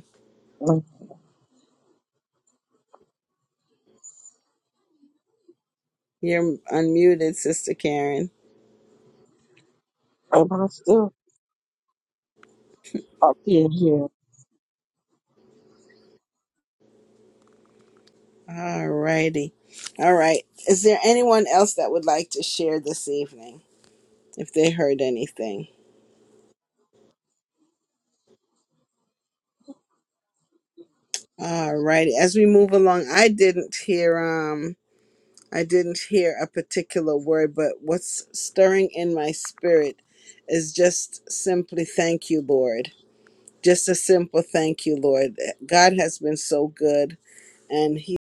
Speaker 1: You're unmuted, Sister Karen.
Speaker 4: Am I still up in here?
Speaker 1: All righty. All right. Is there anyone else that would like to share this evening if they heard anything? All righty. As we move along, I didn't hear um I didn't hear a particular word, but what's stirring in my spirit is just simply thank you, Lord. Just a simple thank you, Lord. God has been so good and he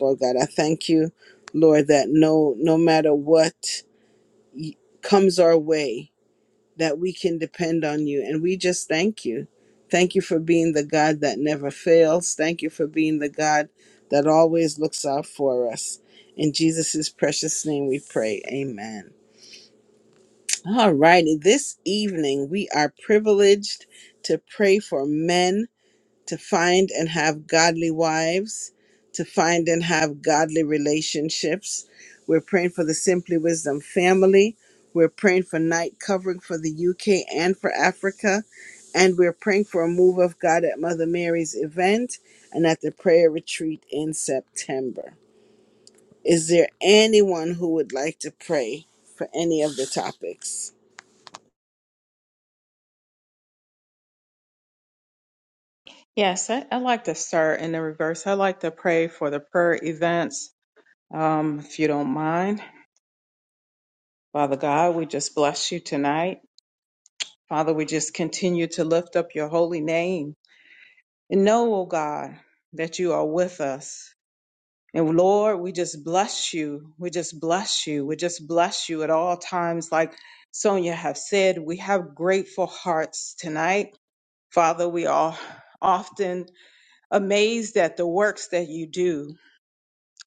Speaker 1: Lord God, I thank you, Lord, that no no matter what y- comes our way that we can depend on you. And we just thank you. Thank you for being the God that never fails. Thank you for being the God that always looks out for us. In Jesus' precious name we pray. Amen. All righty. This evening we are privileged to pray for men to find and have godly wives, to find and have godly relationships. We're praying for the Simply Wisdom family. We're praying for night covering for the UK and for Africa. And we're praying for a move of God at Mother Mary's event and at the prayer retreat in September. Is there anyone who would like to pray for any of the topics?
Speaker 5: Yes, I, I like to start in the reverse. I like to pray for the prayer events, um, if you don't mind. Father God, we just bless you tonight. Father, we just continue to lift up your holy name and know, oh God, that you are with us. And Lord, we just bless you. We just bless you. We just bless you at all times. Like Sonia have said, we have grateful hearts tonight. Father, we are often amazed at the works that you do.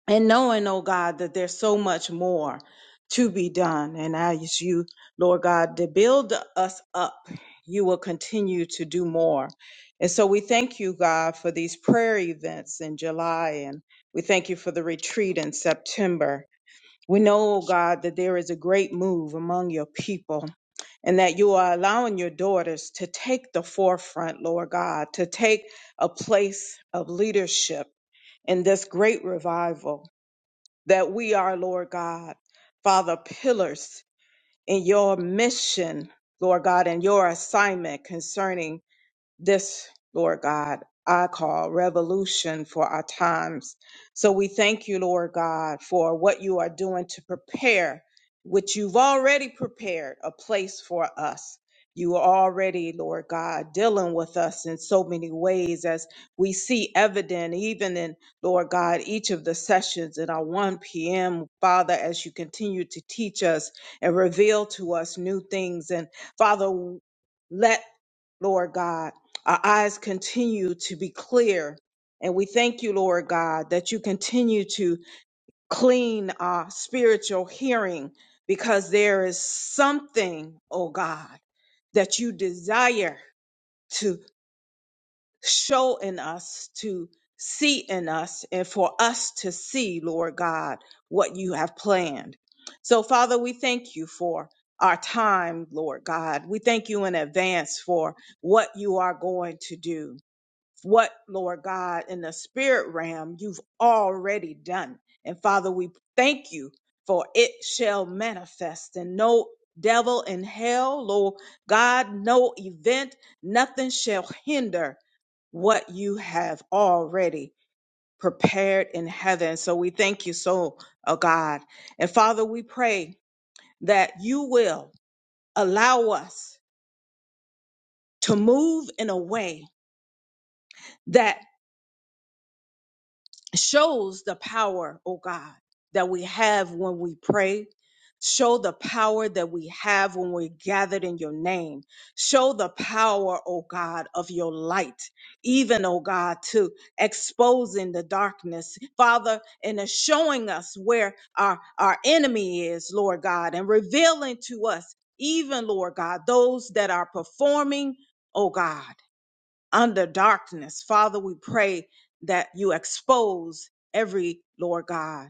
Speaker 5: and knowing, oh God, that there's so much more to be done. And I ask you, Lord God, to build us up. You will continue to do more. And so we thank you, God, for these prayer events in July, and we thank you for the retreat in September. We know, oh God, that there is a great move among your people and that you are allowing your daughters to take the forefront, Lord God, to take a place of leadership in this great revival that we are, Lord God, Father, pillars in your mission, Lord God, and your assignment concerning this, Lord God, I call revolution for our times. So we thank you, Lord God, for what you are doing to prepare, which you've already prepared a place for us. You are already, Lord God, dealing with us in so many ways as we see evident, even in, Lord God, each of the sessions in our 1 p.m. Father, as you continue to teach us and reveal to us new things. And Father, let, Lord God, our eyes continue to be clear. And we thank you, Lord God, that you continue to clean our spiritual hearing because there is something, oh God, that you desire to show in us, to see in us, and for us to see, Lord God, what you have planned. So, Father, we thank you for our time, Lord God. We thank you in advance for what you are going to do what, Lord God, in the spirit realm you've already done. And Father, we thank you for it shall manifest and no devil in hell, Lord God, no event, nothing shall hinder what you have already prepared in heaven. So we thank you so, oh God. And Father, we pray that you will allow us to move in a way that shows the power, oh God, that we have when we pray. Show the power that we have when we're gathered in your name. Show the power, oh God, of your light, even, oh God, to exposing the darkness, Father, and to showing us where our, our enemy is, Lord God, and revealing to us, even, Lord God, those that are performing, oh God under darkness. Father, we pray that you expose every, Lord God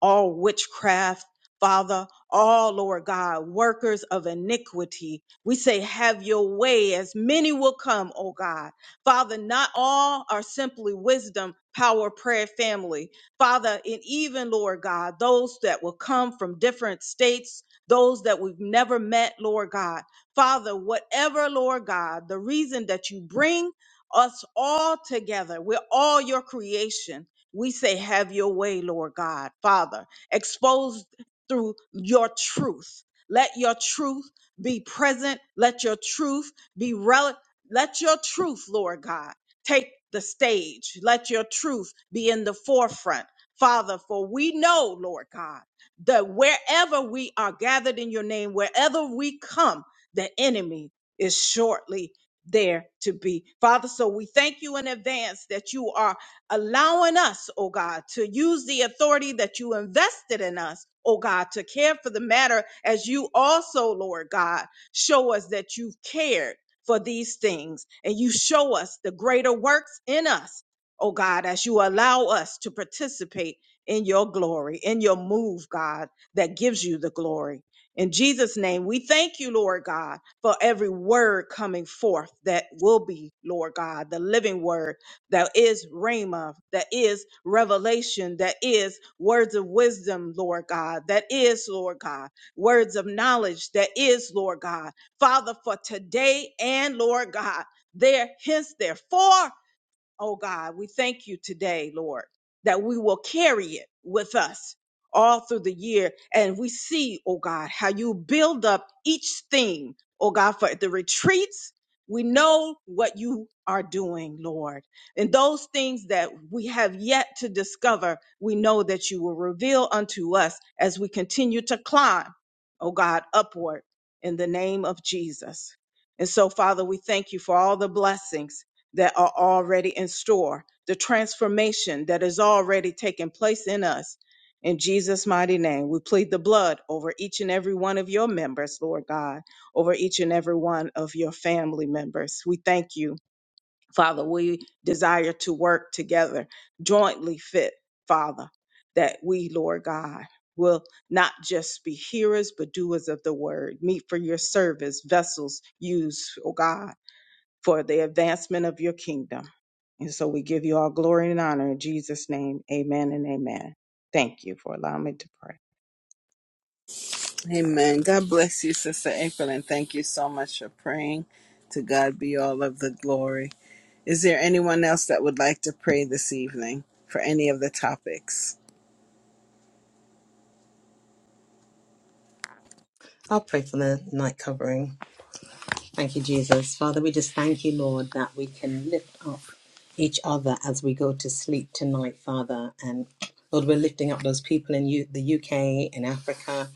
Speaker 5: all witchcraft, Father, all, Lord God, workers of iniquity. We say, have your way as many will come, oh God. Father, not all are simply wisdom, power, prayer, family. Father, and even, Lord God, those that will come from different states, those that we've never met, Lord God. Father, whatever, Lord God, the reason that you bring us all together, we're all your creation. We say, Have your way, Lord God, Father, exposed through your truth. Let your truth be present. Let your truth be relevant. Let your truth, Lord God, take the stage. Let your truth be in the forefront, Father, for we know, Lord God, that wherever we are gathered in your name, wherever we come, the enemy is shortly there to be. Father, so we thank you in advance that you are allowing us, oh God, to use the authority that you invested in us, oh God, to care for the matter as you also, Lord God, show us that you've cared for these things and you show us the greater works in us, oh God, as you allow us to participate in your glory, in your move, God, that gives you the glory. In Jesus' name, we thank you, Lord God, for every word coming forth that will be, Lord God, the living word that is Rhema, that is revelation, that is words of wisdom, Lord God, that is, Lord God, words of knowledge, that is, Lord God. Father, for today and Lord God, there, hence, therefore, oh God, we thank you today, Lord, that we will carry it with us all through the year. And we see, oh God, how you build up each thing, oh God, for the retreats. We know what you are doing, Lord. And those things that we have yet to discover, we know that you will reveal unto us as we continue to climb, oh God, upward in the name of Jesus. And so, Father, we thank you for all the blessings that are already in store, the transformation that is already taking place in us. In Jesus' mighty name, we plead the blood over each and every one of your members, Lord God, over each and every one of your family members. We thank you, Father. We desire to work together, jointly fit, Father, that we, Lord God, will not just be hearers, but doers of the word, meet for your service, vessels used, oh God for the advancement of your kingdom. And so we give you all glory and honor in Jesus' name. Amen and amen. Thank you for allowing me to pray.
Speaker 1: Amen. God bless you, Sister April, and thank you so much for praying. To God be all of the glory. Is there anyone else that would like to pray this evening for any of the topics?
Speaker 3: I'll pray for the night covering. Thank you, Jesus. Father, we just thank you, Lord, that we can lift up each other as we go to sleep tonight, Father. And Lord, we're lifting up those people in U- the UK, in Africa,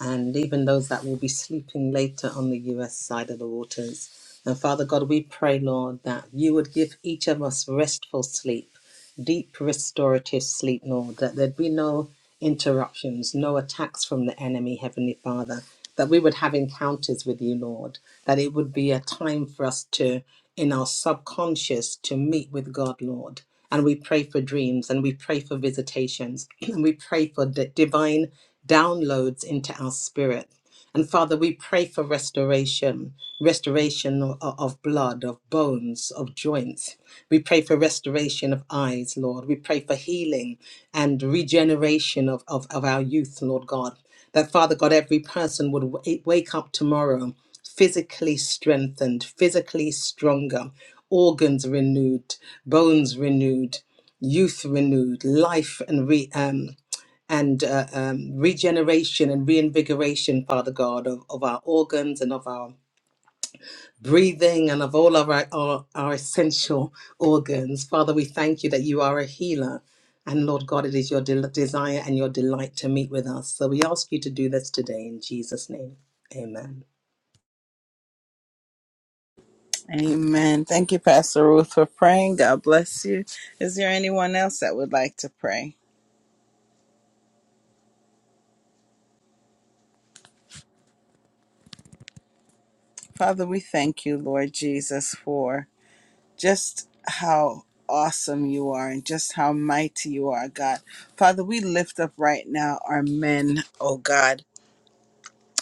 Speaker 3: and even those that will be sleeping later on the US side of the waters. And Father God, we pray, Lord, that you would give each of us restful sleep deep restorative sleep, Lord, that there'd be no interruptions, no attacks from the enemy, Heavenly Father, that we would have encounters with you, Lord, that it would be a time for us to, in our subconscious, to meet with God, Lord. And we pray for dreams and we pray for visitations and we pray for d- divine downloads into our spirit and Father, we pray for restoration, restoration o- o- of blood, of bones, of joints. We pray for restoration of eyes, Lord. We pray for healing and regeneration of, of, of our youth, Lord God. That Father God, every person would wa- eh, wake up tomorrow physically strengthened, physically stronger, organs renewed, bones renewed, youth renewed, life and re, um, and uh, um, regeneration and reinvigoration, Father God, of, of our organs and of our breathing and of all of our, our, our essential organs. Father, we thank you that you are a healer. And Lord God, it is your del- desire and your delight to meet with us. So we ask you to do this today in Jesus' name. Amen.
Speaker 1: Amen. Thank you, Pastor Ruth, for praying. God bless you. Is there anyone else that would like to pray? Father, we thank you, Lord Jesus, for just how awesome you are and just how mighty you are, God. Father, we lift up right now our men, oh God.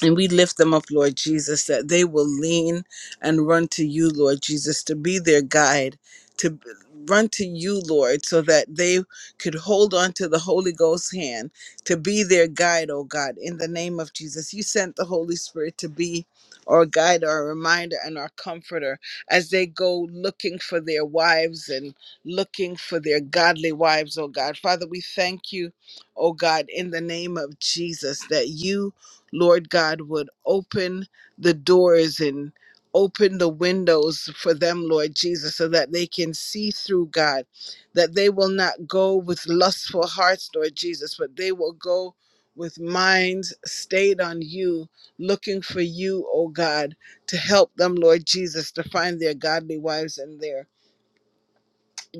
Speaker 1: And we lift them up, Lord Jesus, that they will lean and run to you, Lord Jesus, to be their guide, to b- run to you, Lord, so that they could hold on to the Holy Ghost's hand, to be their guide, oh God, in the name of Jesus. You sent the Holy Spirit to be our guide, our reminder, and our comforter as they go looking for their wives and looking for their godly wives, oh God. Father, we thank you, oh God, in the name of Jesus, that you Lord God, would open the doors and open the windows for them, Lord Jesus, so that they can see through God, that they will not go with lustful hearts, Lord Jesus, but they will go with minds stayed on you, looking for you, oh God, to help them, Lord Jesus, to find their godly wives and their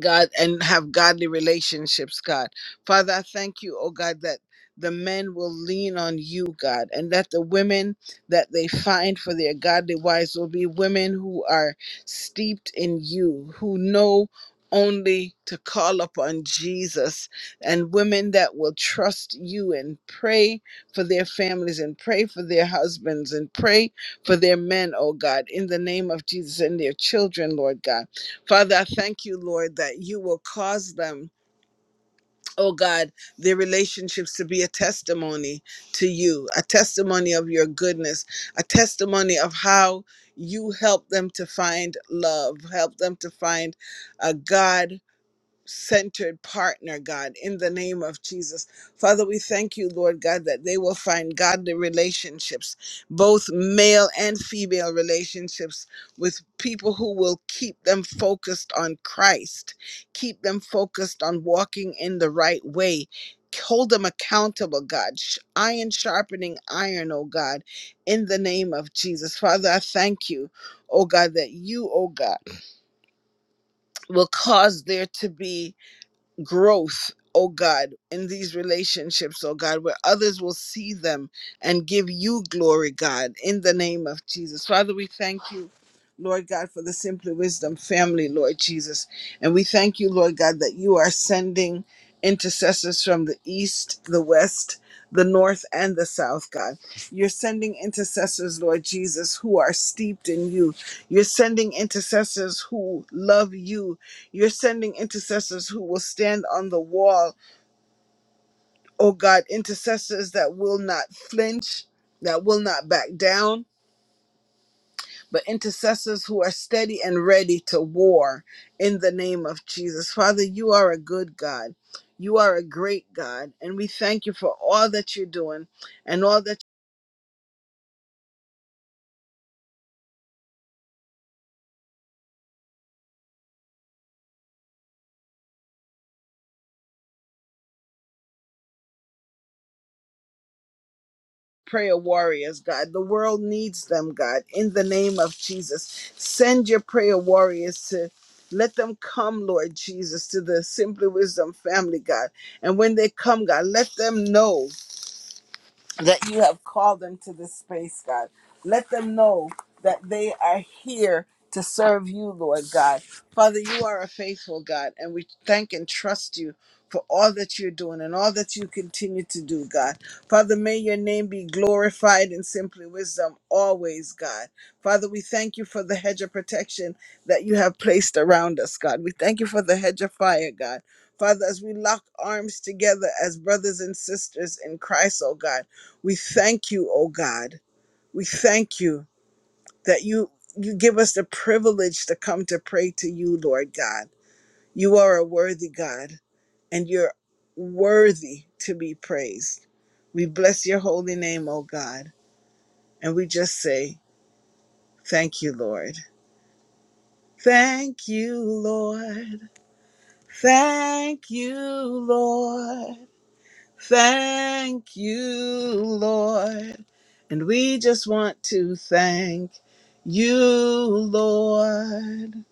Speaker 1: God, and have godly relationships, God. Father, I thank you, oh God, that the men will lean on you, God, and that the women that they find for their godly wives will be women who are steeped in you, who know only to call upon Jesus, and women that will trust you and pray for their families and pray for their husbands and pray for their men, oh God, in the name of Jesus and their children, Lord God. Father, I thank you, Lord, that you will cause them, oh God, their relationships to be a testimony to you, a testimony of your goodness, a testimony of how you help them to find love, help them to find a God centered partner, God, in the name of Jesus. Father, we thank you, Lord God, that they will find godly relationships, both male and female relationships, with people who will keep them focused on Christ, keep them focused on walking in the right way. Hold them accountable, God. Sh- Iron sharpening iron, oh God, in the name of Jesus. Father, I thank you, oh God, that you, oh God, will cause there to be growth, oh God, in these relationships, oh God, where others will see them and give you glory, God, in the name of Jesus. Father, we thank you. Lord God, for the Simply Wisdom family, Lord Jesus. And we thank you, Lord God, that you are sending intercessors from the east, the west, the north, and the south, God. You're sending intercessors, Lord Jesus, who are steeped in you. You're sending intercessors who love you, you're sending intercessors who will stand on the wall, oh God, intercessors that will not flinch, that will not back down, but intercessors who are steady and ready to war in the name of Jesus. Father, you are a good God. You are a great God, and we thank you for all that you're doing and all that prayer warriors, God. The world needs them, God. In the name of Jesus, send your prayer warriors to let them come, Lord Jesus, to the Simply Wisdom family, God. And when they come, God, let them know that you have called them to this space, God. Let them know that they are here to serve you, Lord God. Father, you are a faithful God, and we thank and trust you for all that you're doing and all that you continue to do, God. Father, may your name be glorified in simply wisdom always, God. Father, we thank you for the hedge of protection that you have placed around us, God. We thank you for the hedge of fire, God. Father, as we lock arms together as brothers and sisters in Christ, oh God. We thank you, O God. We thank you that you you give us the privilege to come to pray to you, Lord God. You are a worthy God and you're worthy to be praised. We bless your holy name, O God, and we just say, thank you, Lord. Thank you, Lord. Thank you, Lord. Thank you, Lord. And we just want to thank you, Lord.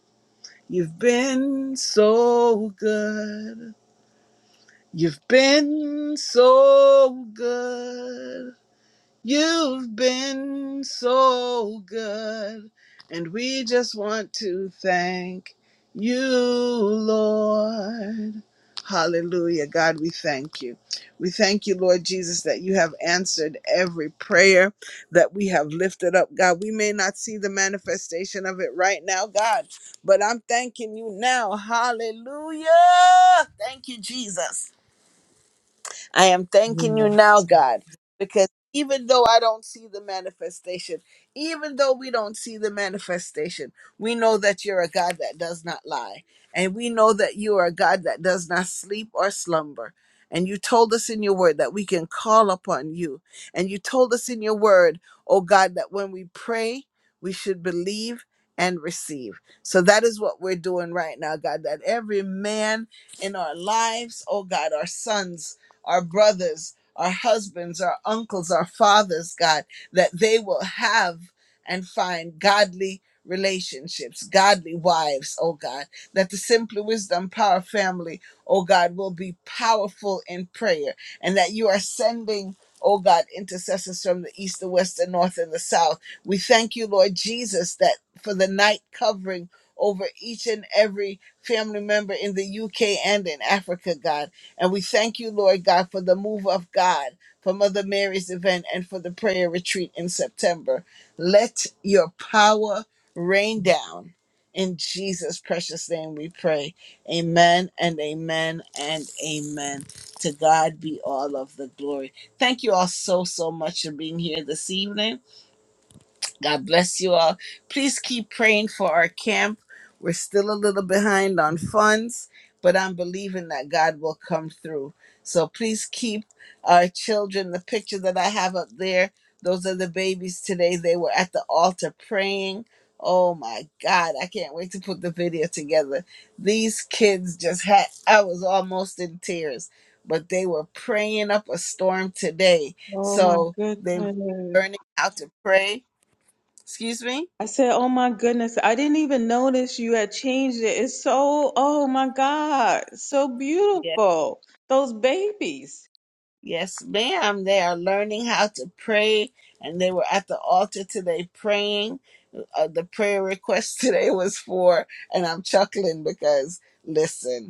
Speaker 1: You've been so good. You've been so good. You've been so good, and we just want to thank you, Lord. Hallelujah. God, we thank you. We thank you, Lord Jesus, that you have answered every prayer that we have lifted up. God, we may not see the manifestation of it right now, God, but I'm thanking you now. Hallelujah. Thank you, Jesus I am thanking
Speaker 5: Amen.
Speaker 1: you now,
Speaker 5: Yes,
Speaker 1: God, because even though I don't see the manifestation, even though we don't see the manifestation, we know that you're a God that does not lie. And we know that you are a God that does not sleep or slumber. And you told us in your word that we can call upon you. And you told us in your word, oh God, that when we pray, we should believe and receive. So that is what we're doing right now, God, that every man in our lives, oh God, our sons, our brothers, our husbands, our uncles, our fathers, God, that they will have and find godly relationships, godly wives, oh God, that the Simply Wisdom Power family, oh God, will be powerful in prayer and that you are sending. Oh God, intercessors from the east, the west, the north, and the south. We thank you, Lord Jesus, that for the night covering over each and every family member in the UK and in Africa, God and we thank you, Lord God, for the move of God, for Mother Mary's event, and for the prayer retreat in September. Let your power rain down. In Jesus' precious name we pray. Amen and amen and amen. To God be all of the glory. Thank you all so, so much for being here this evening. God bless you all. Please keep praying for our camp. We're still a little behind on funds, but I'm believing that God will come through. So please keep our children. The picture that I have up there, those are the babies today. They were at the altar praying. Oh my God, I can't wait to put the video together. These kids just had, I was almost in tears, but they were praying up a storm today.
Speaker 5: Oh my
Speaker 1: So they
Speaker 5: goodness.
Speaker 1: learning how to pray Excuse me?
Speaker 5: I said, oh my goodness. I didn't even notice you had changed it. It's so, oh my God, so
Speaker 1: Yes.
Speaker 5: beautiful. Those babies.
Speaker 1: Yes, ma'am. They are learning how to pray, and they were at the altar today praying. Uh, the prayer request today was for, and I'm chuckling because, listen.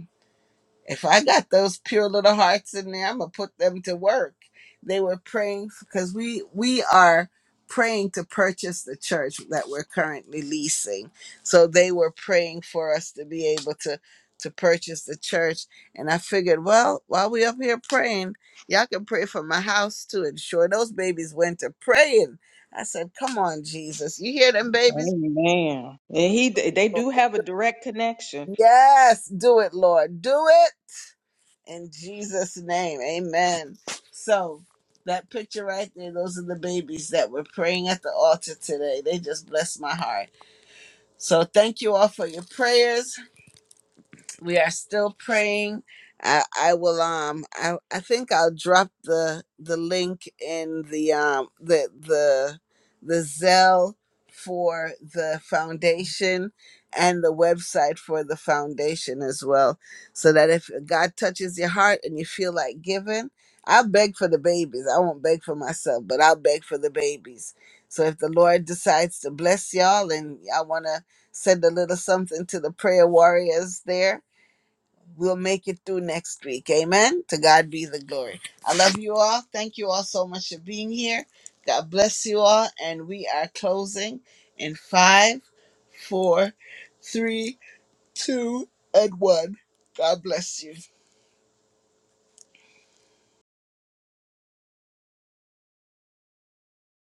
Speaker 1: If I got those pure little hearts in there, I'm gonna put them to work. They were praying because we we are praying to purchase the church that we're currently leasing. So they were praying for us to be able to to purchase the church. And I figured, well, while we up here praying, y'all can pray for my house too. And sure, those babies went to praying. I said, "Come on, Jesus, you hear them babies?
Speaker 5: Amen. And he, they do have a direct connection.
Speaker 1: Yes, do it, Lord, do it." in Jesus' name. Amen. So that picture right there, those are the babies that were praying at the altar today. They just blessed my heart. So thank you all for your prayers we are still praying. I, I will um I, I think I'll drop the the link in the um the the the Zell for the foundation and the website for the foundation as well. So that if God touches your heart and you feel like giving, I'll beg for the babies. I won't beg for myself, but I'll beg for the babies. So if the Lord decides to bless y'all and y'all wanna send a little something to the prayer warriors there we'll make it through next week. Amen. To God be the glory. I love you all. Thank you all so much for being here. God bless you all. And we are closing in five, four, three, two, and one. God bless you.